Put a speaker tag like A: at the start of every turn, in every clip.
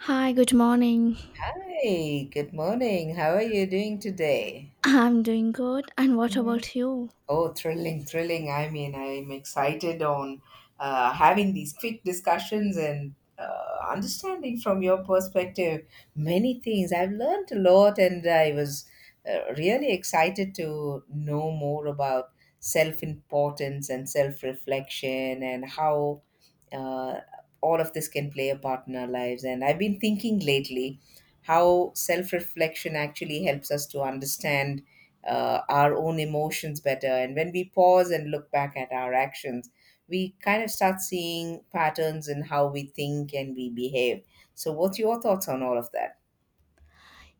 A: Hi, good morning.
B: Hi, good morning. How are you doing today?
A: I'm doing good, and what
B: Mm.
A: about you?
B: Oh, thrilling, thrilling. I mean, I'm excited on having these quick discussions and understanding from your perspective many things. I've learned a lot and I was really excited to know more about self importance and self reflection and how uh, all of this can play a part in our lives. And I've been thinking lately how self reflection actually helps us to understand our own emotions better. And when we pause and look back at our actions, we kind of start seeing patterns in how we think and we behave. So, what's your thoughts on all of that?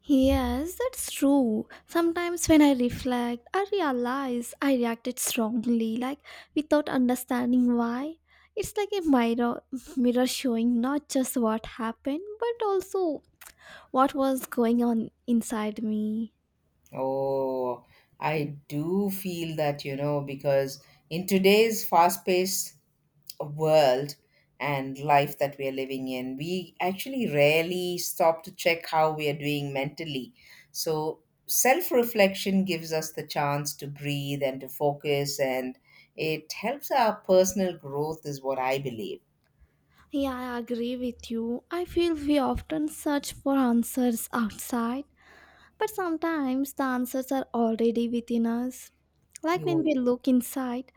A: Yes, that's true. Sometimes when I reflect, I realize I reacted strongly, like without understanding why. It's like a mirror showing not just what happened, but also what was going on inside me.
B: Oh, I do feel that, you know, because in today's fast-paced world and life that we are living in, we actually rarely stop to check how we are doing mentally. So, self reflection gives us the chance to breathe and to focus, and it helps our personal growth, is what I believe.
A: Yeah, I agree with you. I feel we often search for answers outside, but sometimes the answers are already within us. Like when we
B: You
A: look inside,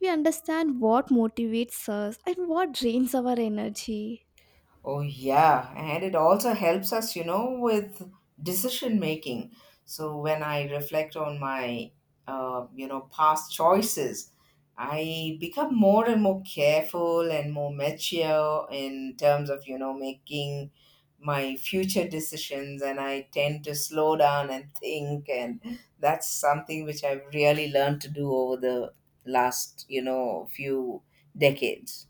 A: we understand what motivates us and what drains our energy.
B: Oh, yeah. And it also helps us, you know, with decision making. So when I reflect on my, you know, past choices, I become more and more careful and more mature in terms of, you know, making my future decisions. And I tend to slow down and think. And that's something which I've really learned to do over the last, you know, few decades.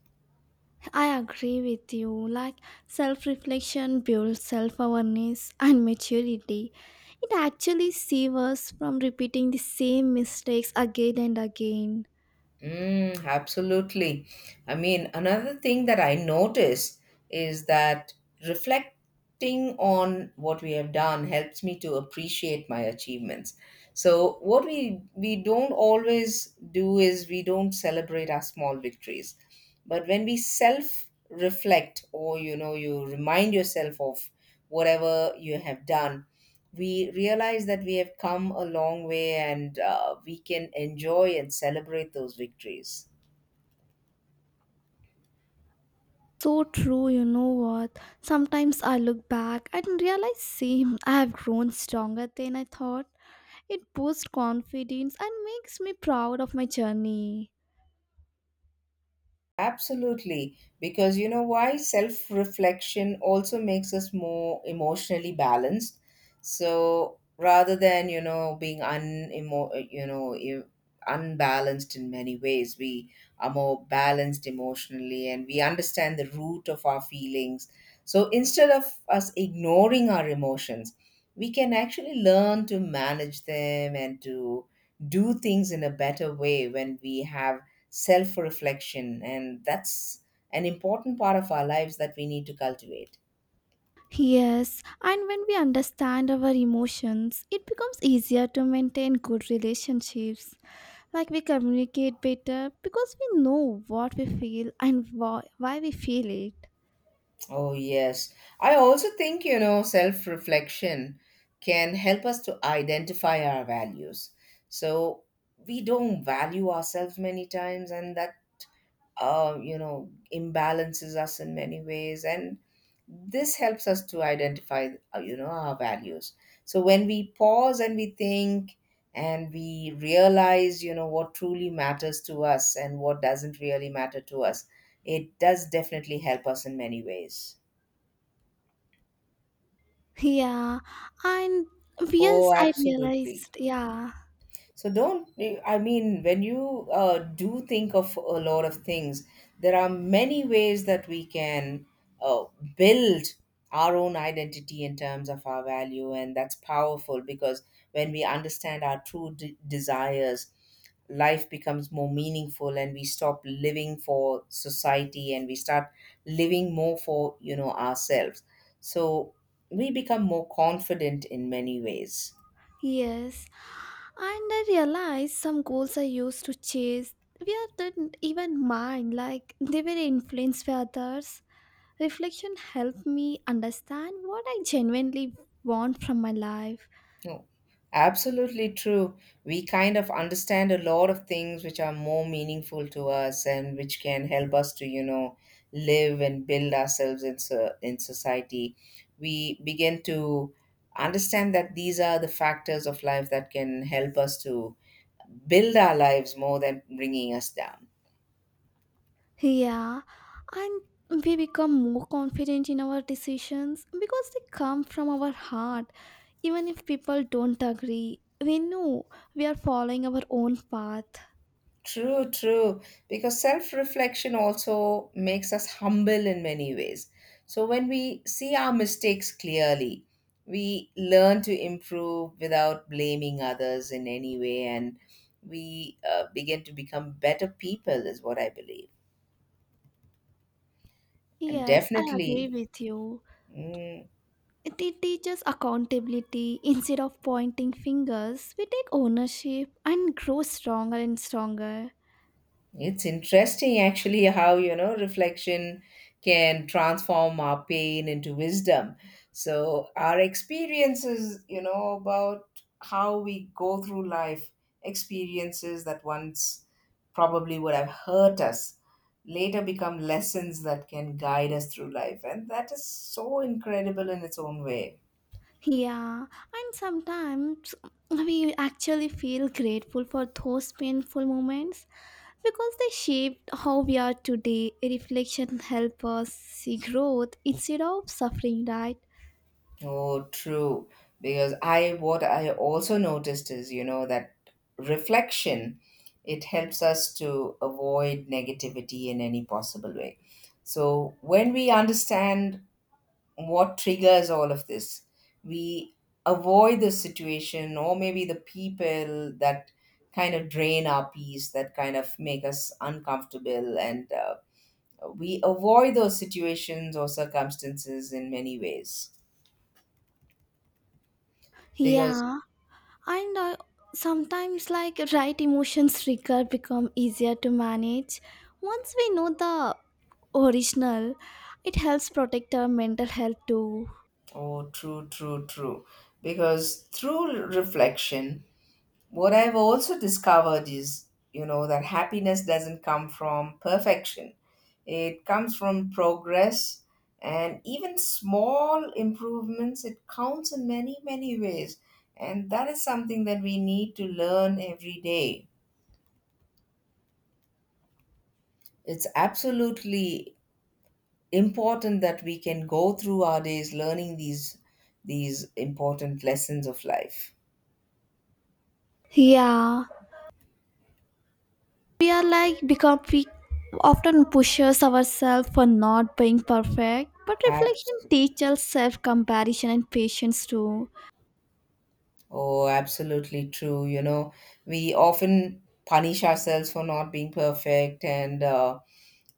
A: I agree with you. Like self reflection builds self awareness and maturity. It actually saves us from repeating the same mistakes again and again.
B: Mm, absolutely. I mean, another thing that I notice is that reflecting on what we have done helps me to appreciate my achievements. So, what we don't always do is we don't celebrate our small victories. But when we self reflect or you know you remind yourself of whatever you have done, we realize that we have come a long way and we can enjoy and celebrate those victories.
A: So true, you know what? Sometimes I look back and realize, same, I have grown stronger than I thought. It boosts confidence and makes me proud of my journey.
B: Absolutely. Because you know why? Self reflection also makes us more emotionally balanced. So rather than, you know, being unemo- you know, you- unbalanced in many ways, we are more balanced emotionally and we understand the root of our feelings. So instead of us ignoring our emotions, we can actually learn to manage them and to do things in a better way when we have self reflection. And that's an important part of our lives that we need to cultivate.
A: Yes, and when we understand our emotions, it becomes easier to maintain good relationships. Like we communicate better because we know what we feel and why we feel it.
B: Oh, yes. I also think, you know, self reflection can help us to identify our values. So we don't value ourselves many times, and that's you know, imbalances us in many ways. And this helps us to identify, you know, our values. So when we pause and we think and we realize, you know, what truly matters to us and what doesn't really matter to us, it does definitely help us in many ways.
A: Yeah, and yes,
B: Oh,
A: I
B: absolutely.
A: realized, yeah,
B: So don't, I mean, when you do think of a lot of things, there are many ways that we can uh, build our own identity in terms of our value. And that's powerful because when we understand our desires, life becomes more meaningful and we stop living for society and we start living more for, you know, ourselves. So we become more confident in many ways.
A: yes, and I realized some goals I used to chase were didn't even mine, like they were influenced by others. Reflection helped me understand what I genuinely want from my life.
B: No, absolutely true. We kind of understand a lot of things which are more meaningful to us and which can help us to, you know, live and build ourselves in society. We begin to understand that these are the factors of life that can help us to build our lives more than bringing us down.
A: Yeah, and we become more confident in our decisions because they come from our heart. Even if people don't agree, we know we are following our own path.
B: True, true. Because self reflection also makes us humble in many ways. So when we see our mistakes clearly, we learn to improve without blaming others in any way, and we begin to become better people, is what I believe. And
A: Yes, I agree
B: definitely,
A: with you.
B: mm,
A: It teaches accountability instead of pointing fingers. We take ownership and grow stronger and stronger.
B: it's interesting, actually, how, you know, reflection can transform our pain into wisdom. So, our experiences, you know, about how we go through life, experiences that once probably would have hurt us, later become lessons that can guide us through life. And that is so incredible in its own way.
A: Yeah, and sometimes we actually feel grateful for those painful moments because they shaped how we are today. Reflection help us see growth instead of suffering, right?
B: Oh, true. Because I, what I also noticed is, you know, that reflection, it helps us to avoid negativity in any possible way. So when we understand what triggers all of this, we avoid the situation or maybe the people that kind of drain our peace, that kind of make us uncomfortable, and we avoid those situations or circumstances in many ways because
A: Yeah, and sometimes like right emotions trigger become easier to manage once we know the original. It helps protect our mental health too.
B: oh, true, true, true. Because through reflection, what I've also discovered is, you know, that happiness doesn't come from perfection. It comes from progress and even small improvements. It counts in many, many ways. And that is something that we need to learn every day. It's absolutely important that we can go through our days learning these important lessons of life.
A: Yeah. We are like because we often pushes ourselves for not being perfect, but reflection
B: Absolutely.
A: teaches self comparison and patience too.
B: Oh, absolutely true. You know, we often punish ourselves for not being perfect, and uh,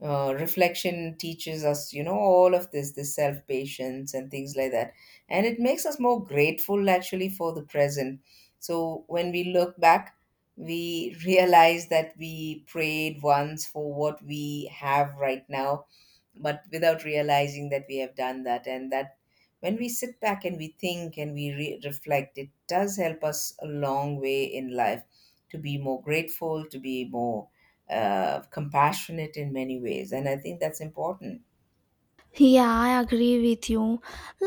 B: uh, reflection teaches us, you know, all of this, this self patience and things like that. And it makes us more grateful actually for the present. So when we look back, we realize that we prayed once for what we have right now but without realizing that we have done that and that when we sit back and we think and we reflect, it does help us a long way in life to be more grateful, to be more compassionate in many ways, and I think that's important.
A: Yeah, I agree with you.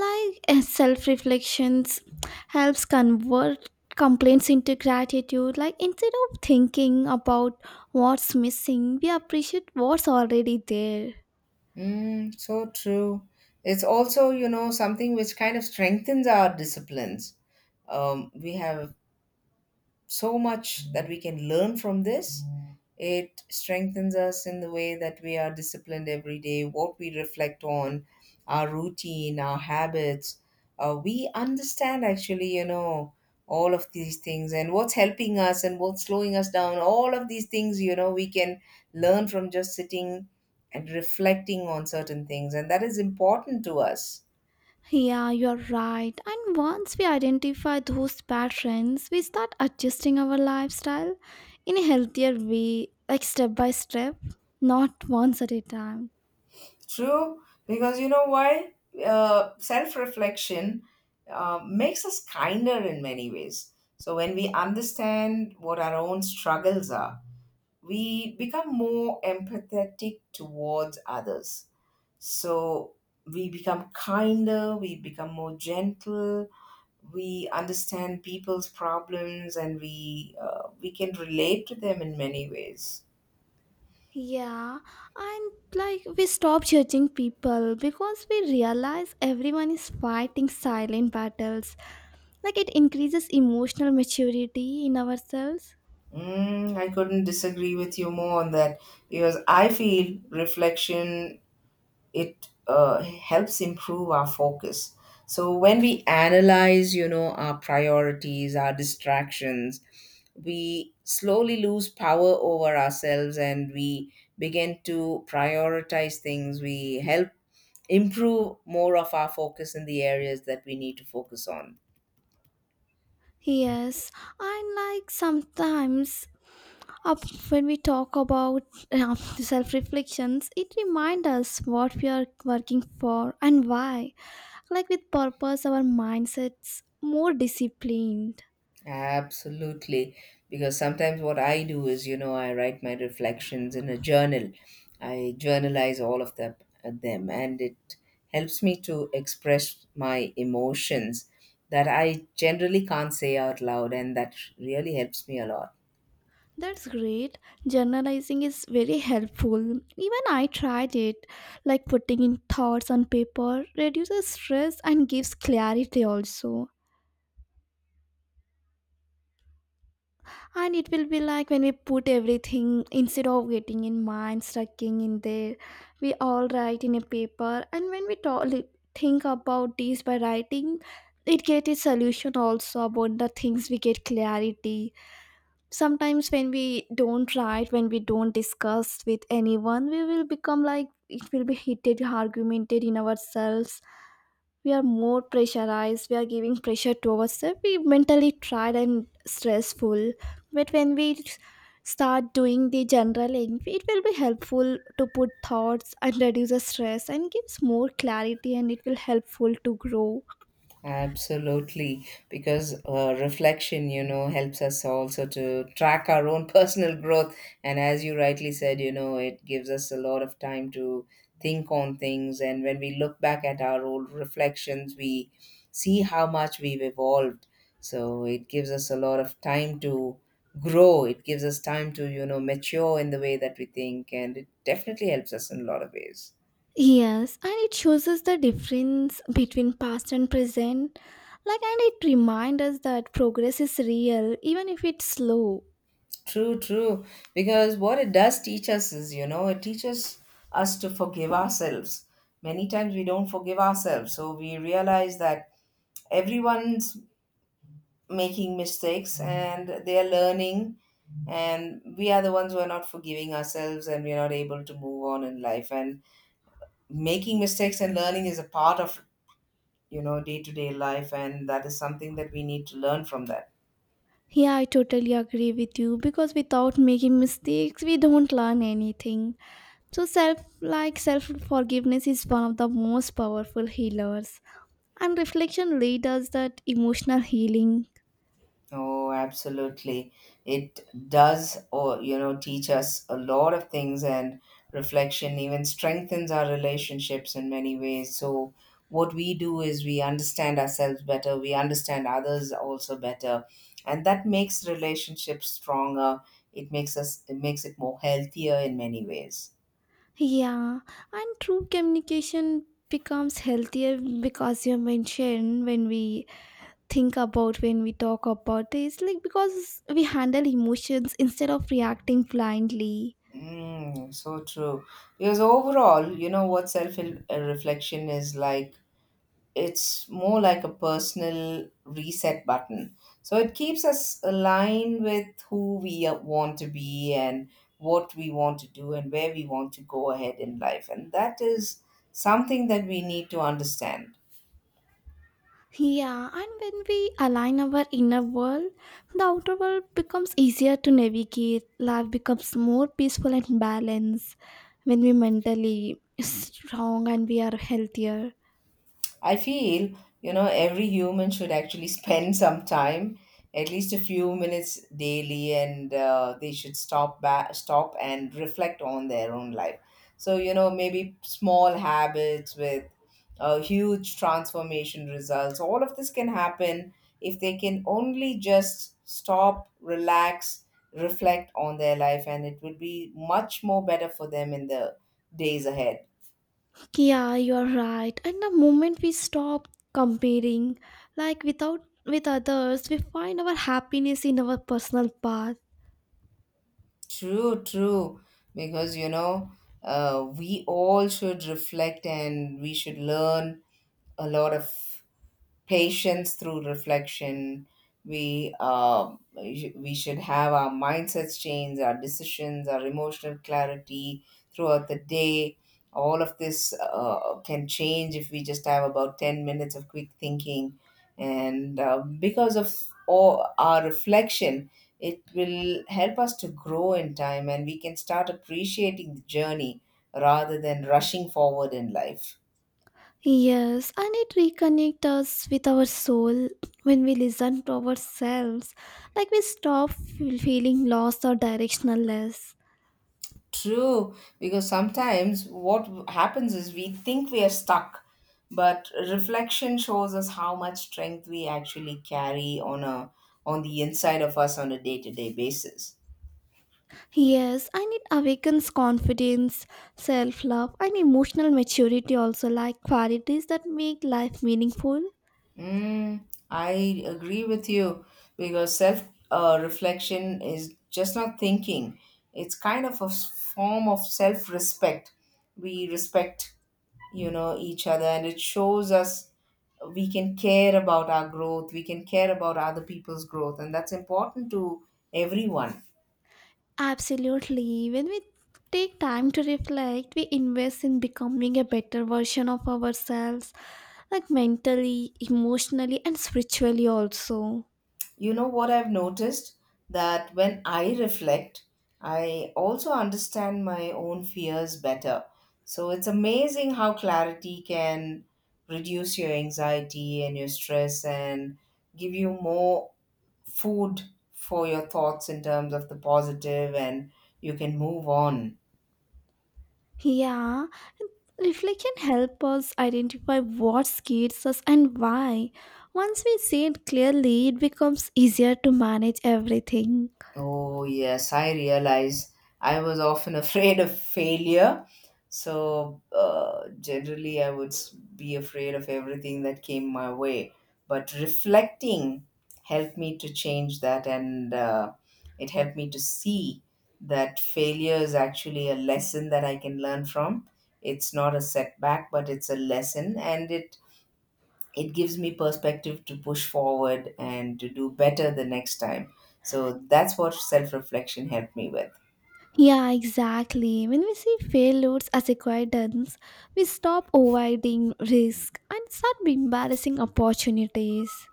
A: Like self reflections helps convert complaints into gratitude, like instead of thinking about what's missing, we appreciate what's already there.
B: Mm, so true. It's also, you know, something which kind of strengthens our disciplines. We have so much that we can learn from this. It strengthens us in the way that we are disciplined every day, what we reflect on, our routine, our habits. We understand actually, you know, all of these things and what's helping us and what's slowing us down. All of these things, you know, we can learn from just sitting and reflecting on certain things. And that is important to us.
A: Yeah, you're right. And once we identify those patterns, we start adjusting our lifestyle in a healthier way, like step by step, not once at a time.
B: True, because you know why? Self reflection makes us kinder in many ways. So, when we understand what our own struggles are, we become more empathetic towards others. So, we become kinder, we become more gentle, we understand people's problems, and we can relate to them in many ways.
A: Yeah, and like we stop judging people because we realize everyone is fighting silent battles. Like it increases emotional maturity in ourselves.
B: Mm, I couldn't disagree with you more on that because I feel reflection, it helps improve our focus. So when we analyze, you know, our priorities, our distractions, we slowly lose power over ourselves and we begin to prioritize things. We help improve more of our focus in the areas that we need to focus on.
A: Yes, and like sometimes up when we talk about self reflections, it reminds us what we are working for and why. Like with purpose, our mindset's more disciplined.
B: Absolutely. Because sometimes what I do is, you know, I write my reflections in a journal. I journalize all of them, and it helps me to express my emotions that I generally can't say out loud, and that really helps me a lot.
A: That's great. Journalizing is very helpful. Even I tried it. Like putting in thoughts on paper reduces stress and gives clarity also. And it will be like when we put everything instead of getting in mind stucking in there, we all write in a paper, and when we talk, think about this by writing, it get a solution also. About the things we get clarity sometimes when we don't write, when we don't discuss with anyone, we will become like it will be heated argumented in ourselves. We are more pressurized, we are giving pressure to ourselves, we mentally tired and stressful. But when we start doing the journaling, it will be helpful to put thoughts and reduce the stress and gives more clarity, and it will helpful to grow.
B: Absolutely, because reflection, you know, helps us also to track our own personal growth. And as you rightly said, you know, it gives us a lot of time to think on things. And when we look back at our old reflections, we see how much we've evolved. So it gives us a lot of time to grow. It gives us time to, you know, mature in the way that we think. And it definitely helps us in a lot of ways.
A: Yes, and it shows us the difference between past and present. Like, and it reminds us that progress is real, even if it's slow.
B: True, true. Because what it does teach us is, you know, it teaches us to forgive ourselves. Many times we don't forgive ourselves. So we realize that everyone's making mistakes and they are learning, and we are the ones who are not forgiving ourselves and we're not able to move on in life. And making mistakes and learning is a part of, you know, day to day life. And that is something that we need to learn from that.
A: Yeah, I totally agree with you, because without making mistakes, we don't learn anything. So, self, like self forgiveness is one of the most powerful healers, and reflection leads us that emotional healing.
B: Oh, absolutely. It does, or you know, teach us a lot of things, and reflection even strengthens our relationships in many ways. So what we do is we understand ourselves better, we understand others also better, and that makes relationships stronger. It makes us, it makes it more healthier in many ways.
A: Yeah, and true communication becomes healthier, because you mentioned when we think about, when we talk about this, like because we handle emotions instead of reacting blindly.
B: Mm, so true. Because overall, you know what self reflection is like, it's more like a personal reset button. So it keeps us aligned with who we want to be and what we want to do and where we want to go ahead in life. And that is something that we need to understand.
A: Yeah, and when we align our inner world, the outer world becomes easier to navigate. Life becomes more peaceful and balanced when we mentally strong and we are healthier.
B: I feel, you know, every human should actually spend some time, at least a few minutes daily, and they should stop back, stop and reflect on their own life. So, you know, maybe small habits with huge transformation results. All of this can happen if they can only just stop, relax, reflect on their life, and it would be much more better for them in the days ahead.
A: Yeah, you're right. And the moment we stop comparing, like without with others, we find our happiness in our personal path.
B: True, true. Because, you know, we all should reflect and we should learn a lot of patience through reflection. We should have our mindsets change, our decisions, our emotional clarity throughout the day. All of this can change if we just have about 10 minutes of quick thinking, and because of all our reflection, it will help us to grow in time, and we can start appreciating the journey rather than rushing forward in life.
A: Yes, and it reconnects us with our soul. When we listen to ourselves, like we stop feeling lost or directionless.
B: True, because sometimes what happens is we think we are stuck, but reflection shows us how much strength we actually carry on a on the inside of us on a day-to-day basis.
A: Yes, and it awakens confidence, self love, and emotional maturity, also, like qualities that make life meaningful.
B: Mm, I agree with you because self reflection is just not thinking. It's kind of a form of self respect. We respect, you know, each other, and it shows us we can care about our growth. We can care about other people's growth, and that's important to everyone.
A: Absolutely. When we take time to reflect, we invest in becoming a better version of ourselves, like mentally, emotionally, and spiritually, also.
B: You know what I've noticed? That when I reflect, I also understand my own fears better. So it's amazing how clarity can reduce your anxiety and your stress and give you more food for your thoughts in terms of the positive, and you can move on.
A: Yeah, reflection helps us identify what scares us and why. Once we see it clearly, it becomes easier to manage everything.
B: Oh, yes, I realize I was often afraid of failure. So, generally, I would be afraid of everything that came my way. But reflecting helped me to change that, and it helped me to see that failure is actually a lesson that I can learn from. It's not a setback, but it's a lesson, and it gives me perspective to push forward and to do better the next time. So that's what self reflection helped me with.
A: Yeah, exactly. When we see failures as acquaintance, we stop avoiding risk and start embarrassing opportunities.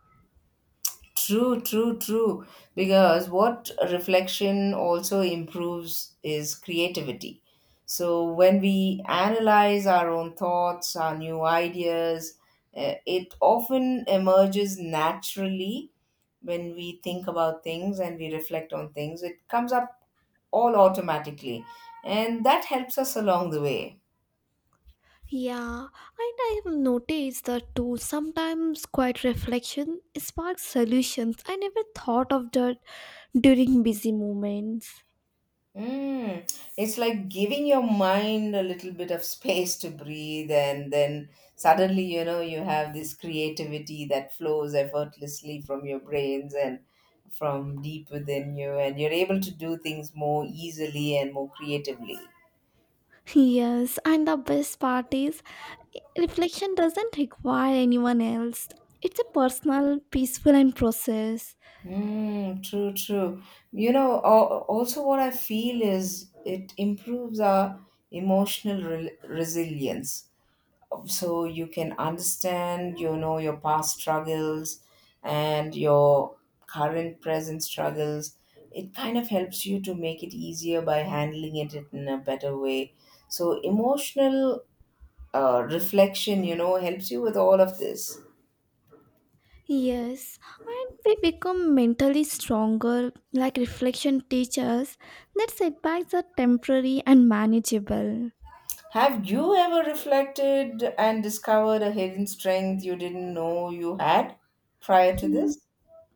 B: True, true, true. Because what reflection also improves is creativity. So when we analyze our own thoughts, our new ideas, it often emerges naturally when we think about things and we reflect on things. It comes up all automatically, and that helps us along the way.
A: Yeah, and I have noticed that too. Sometimes quiet reflection sparks solutions I never thought of that during busy moments.
B: Mm. It's like giving your mind a little bit of space to breathe, and then suddenly, you know, you have this creativity that flows effortlessly from your brains and from deep within you, and you're able to do things more easily and more creatively.
A: Yes, and the best part is reflection doesn't require anyone else. It's a personal, peaceful, and process.
B: Mm, true, true. You know, also what I feel is it improves our emotional re resilience. So you can understand, you know, your past struggles and your current present struggles. It kind of helps you to make it easier by handling it in a better way. So emotional reflection, you know, helps you with all of this.
A: Yes, and we become mentally stronger, like reflection teaches that setbacks are temporary and manageable.
B: Have you ever reflected and discovered a hidden strength you didn't know you had prior to
A: Mm,
B: this?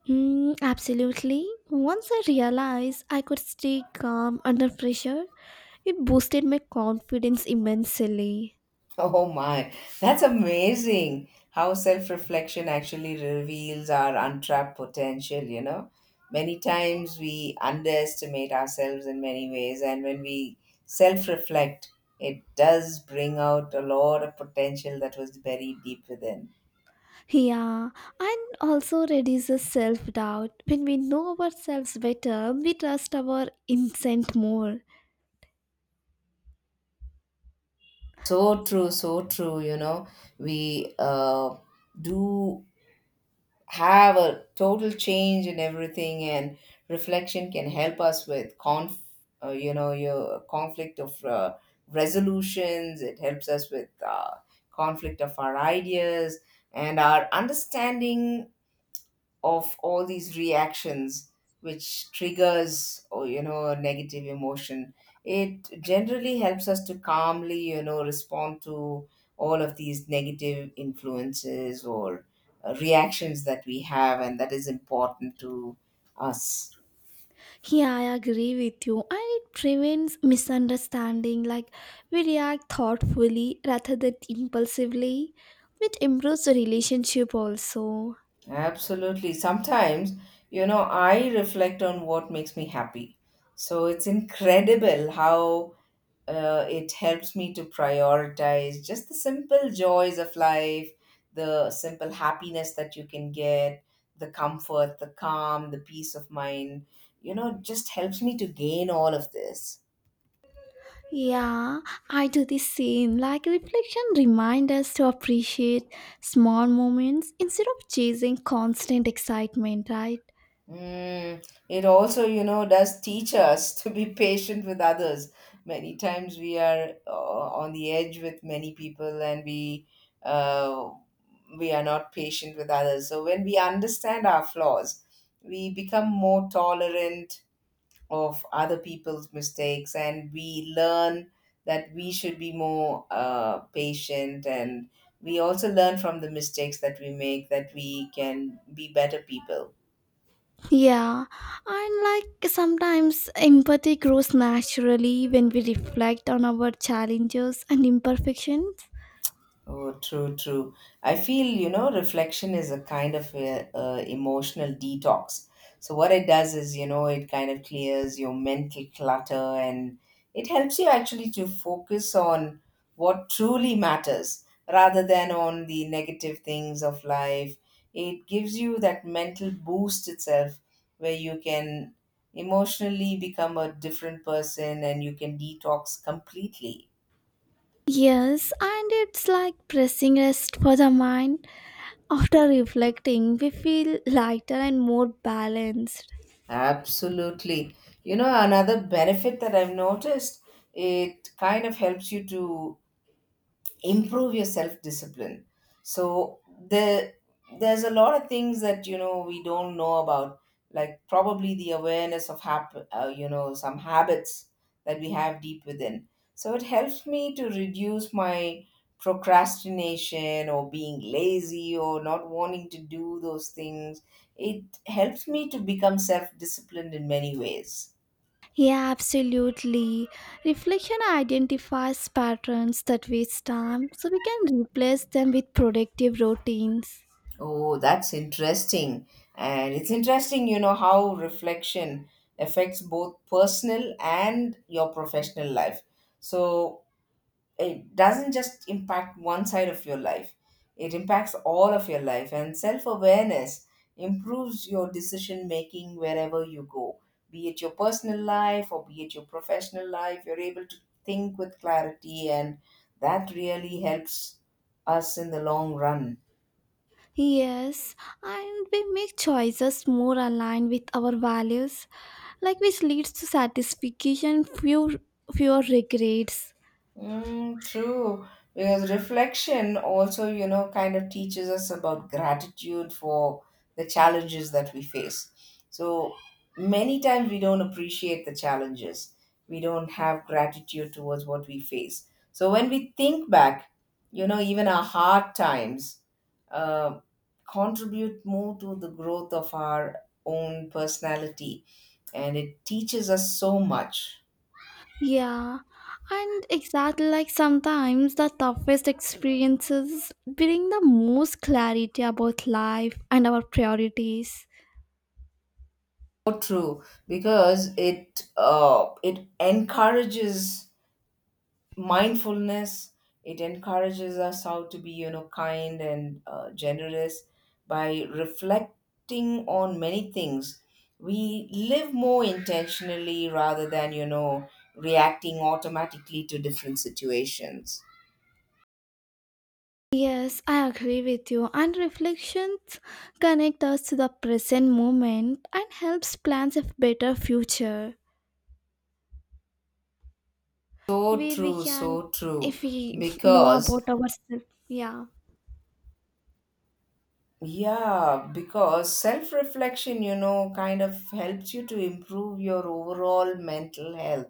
A: mm, absolutely. Once I realized I could stay calm under pressure, it boosted my confidence immensely.
B: Oh my, that's amazing how self reflection actually reveals our untapped potential, you know. Many times we underestimate ourselves in many ways, and when we self reflect, it does bring out a lot of potential that was buried deep within.
A: Yeah, and also reduces self doubt. When we know ourselves better, we trust our instinct more.
B: So true, you know. We do have a total change in everything, and reflection can help us with conf you know, your conflict of resolutions. It helps us with conflict of our ideas and our understanding of all these reactions which triggers, or you know, a negative emotion. It generally helps us to calmly, you know, respond to all of these negative influences or reactions that we have, and that is important to us.
A: Yeah, I agree with you. And it prevents misunderstanding, like we react thoughtfully rather than impulsively, which improves the relationship also.
B: Absolutely. Sometimes, you know, I reflect on what makes me happy. So it's incredible how it helps me to prioritize just the simple joys of life, the simple happiness that you can get, the comfort, the calm, the peace of mind. You know, it just helps me to gain all of this.
A: Yeah, I do the same. Like reflection reminds us to appreciate small moments instead of chasing constant excitement, right?
B: Mm, it also, you know, does teach us to be patient with others. Many times we are on the edge with many people, and uh, we are not patient with others. So when we understand our flaws, we become more tolerant of other people's mistakes, and we learn that we should be more patient. And we also learn from the mistakes that we make that we can be better people.
A: Yeah, and like sometimes empathy grows naturally when we reflect on our challenges and imperfections.
B: Oh, true, true. I feel, you know, reflection is a kind of a, emotional detox. So what it does is, you know, it kind of clears your mental clutter and it helps you actually to focus on what truly matters rather than on the negative things of life. It gives you that mental boost itself where you can emotionally become a different person and you can detox completely.
A: Yes, and it's like pressing rest for the mind. After reflecting, we feel lighter and more balanced.
B: Absolutely. You know, another benefit that I've noticed, it kind of helps you to improve your self discipline. So there there's a lot of things that, you know, we don't know about, like probably the awareness of you know, some habits that we have deep within. So it helps me to reduce my procrastination or being lazy or not wanting to do those things. It helps me to become self disciplined in many ways.
A: Yeah, absolutely. Reflection identifies patterns that waste time, so we can replace them with productive routines.
B: Oh, that's interesting. And it's interesting, you know, how reflection affects both personal and your professional life. So it doesn't just impact one side of your life, it impacts all of your life. And self awareness improves your decision making wherever you go, be it your personal life or be it your professional life. You're able to think with clarity, and that really helps us in the long run.
A: Yes, and we make choices more aligned with our values, like which leads to satisfaction, fewer regrets.
B: Mm, true, because reflection also, you know, kind of teaches us about gratitude for the challenges that we face. So many times we don't appreciate the challenges, we don't have gratitude towards what we face. So when we think back, you know, even our hard times uh, contribute more to the growth of our own personality, and it teaches us so much.
A: Yeah, and exactly, like sometimes the toughest experiences bring the most clarity about life and our priorities.
B: So true, because it it encourages mindfulness. It encourages us how to be, you know, kind and generous by reflecting on many things. We live more intentionally rather than, you know, reacting automatically to different situations.
A: Yes, I agree with you. And reflections connect us to the present moment and helps plans a better future.
B: So
A: Where we
B: true,
A: can,
B: so true,
A: if we know
B: because
A: about ourselves, yeah.
B: yeah, because self reflection, you know, kind of helps you to improve your overall mental health.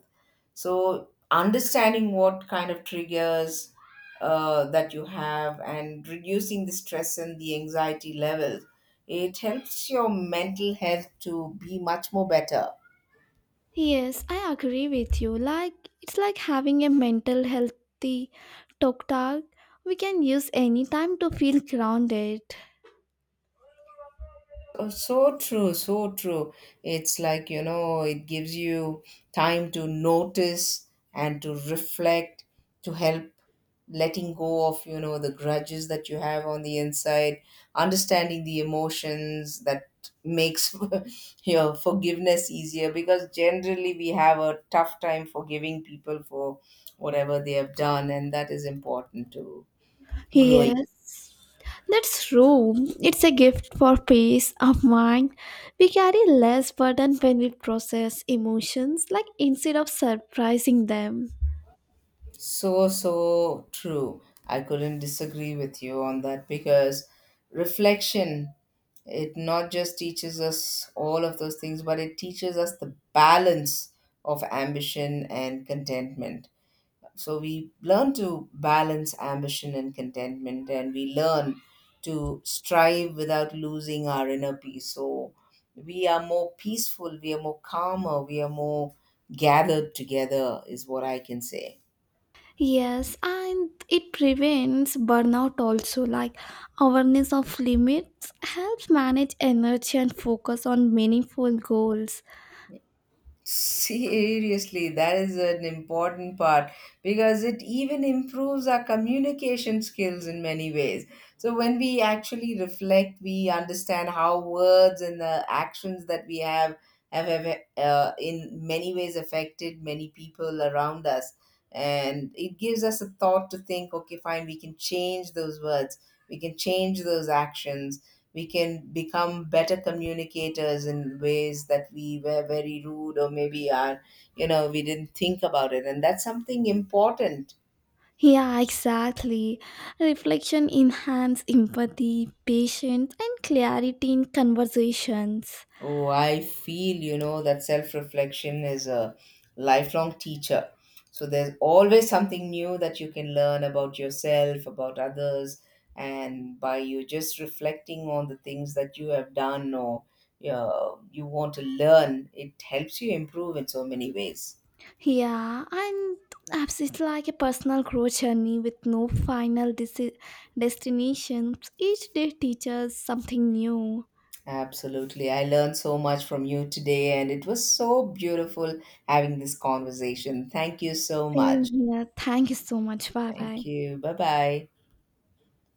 B: So, understanding what kind of triggers that you have and reducing the stress and the anxiety levels, it helps your mental health to be much more better.
A: Yes, I agree with you. Like it's like having a mental healthy talk we can use any time to feel grounded.
B: Oh, so true, so true. It's like, you know, it gives you time to notice and to reflect, to help letting go of, you know, the grudges that you have on the inside, understanding the emotions that makes your forgiveness easier, because generally we have a tough time forgiving people for whatever they have done, and that is important to growing.
A: Yes, that's true. It's a gift for peace of mind. We carry less burden when we process emotions, like instead of surprising them.
B: So, so true. I couldn't disagree with you on that because reflection, it not just teaches us all of those things, but it teaches us the balance of ambition and contentment. So, we learn to balance ambition and contentment, and we learn to strive without losing our inner peace. So, we are more peaceful, we are more calmer, we are more gathered together, is what I can say.
A: Yes, and it prevents burnout also. Like awareness of limits helps manage energy and focus on meaningful goals.
B: Seriously, that is an important part because it even improves our communication skills in many ways. So, when we actually reflect, we understand how words and the actions that we have have in many ways affected many people around us. And it gives us a thought to think okay, fine, we can change those words, we can change those actions. We can become better communicators in ways that we were very rude, or maybe are, you know, we didn't think about it, and that's something important.
A: Yeah, exactly. Reflection enhance empathy, patience, and clarity in conversations.
B: Oh, I feel, you know, that self reflection is a lifelong teacher. So there's always something new that you can learn about yourself, about others, and by you just reflecting on the things that you have done or, you know, you want to learn, it helps you improve in so many ways.
A: Yeah, and it's like a personal growth journey with no destination. Each day teaches something new.
B: Absolutely. I learned so much from you today, and it was so beautiful having this conversation. Thank you so
A: Same
B: much.
A: here. Thank you so much. Bye bye.
B: Thank you. Bye bye.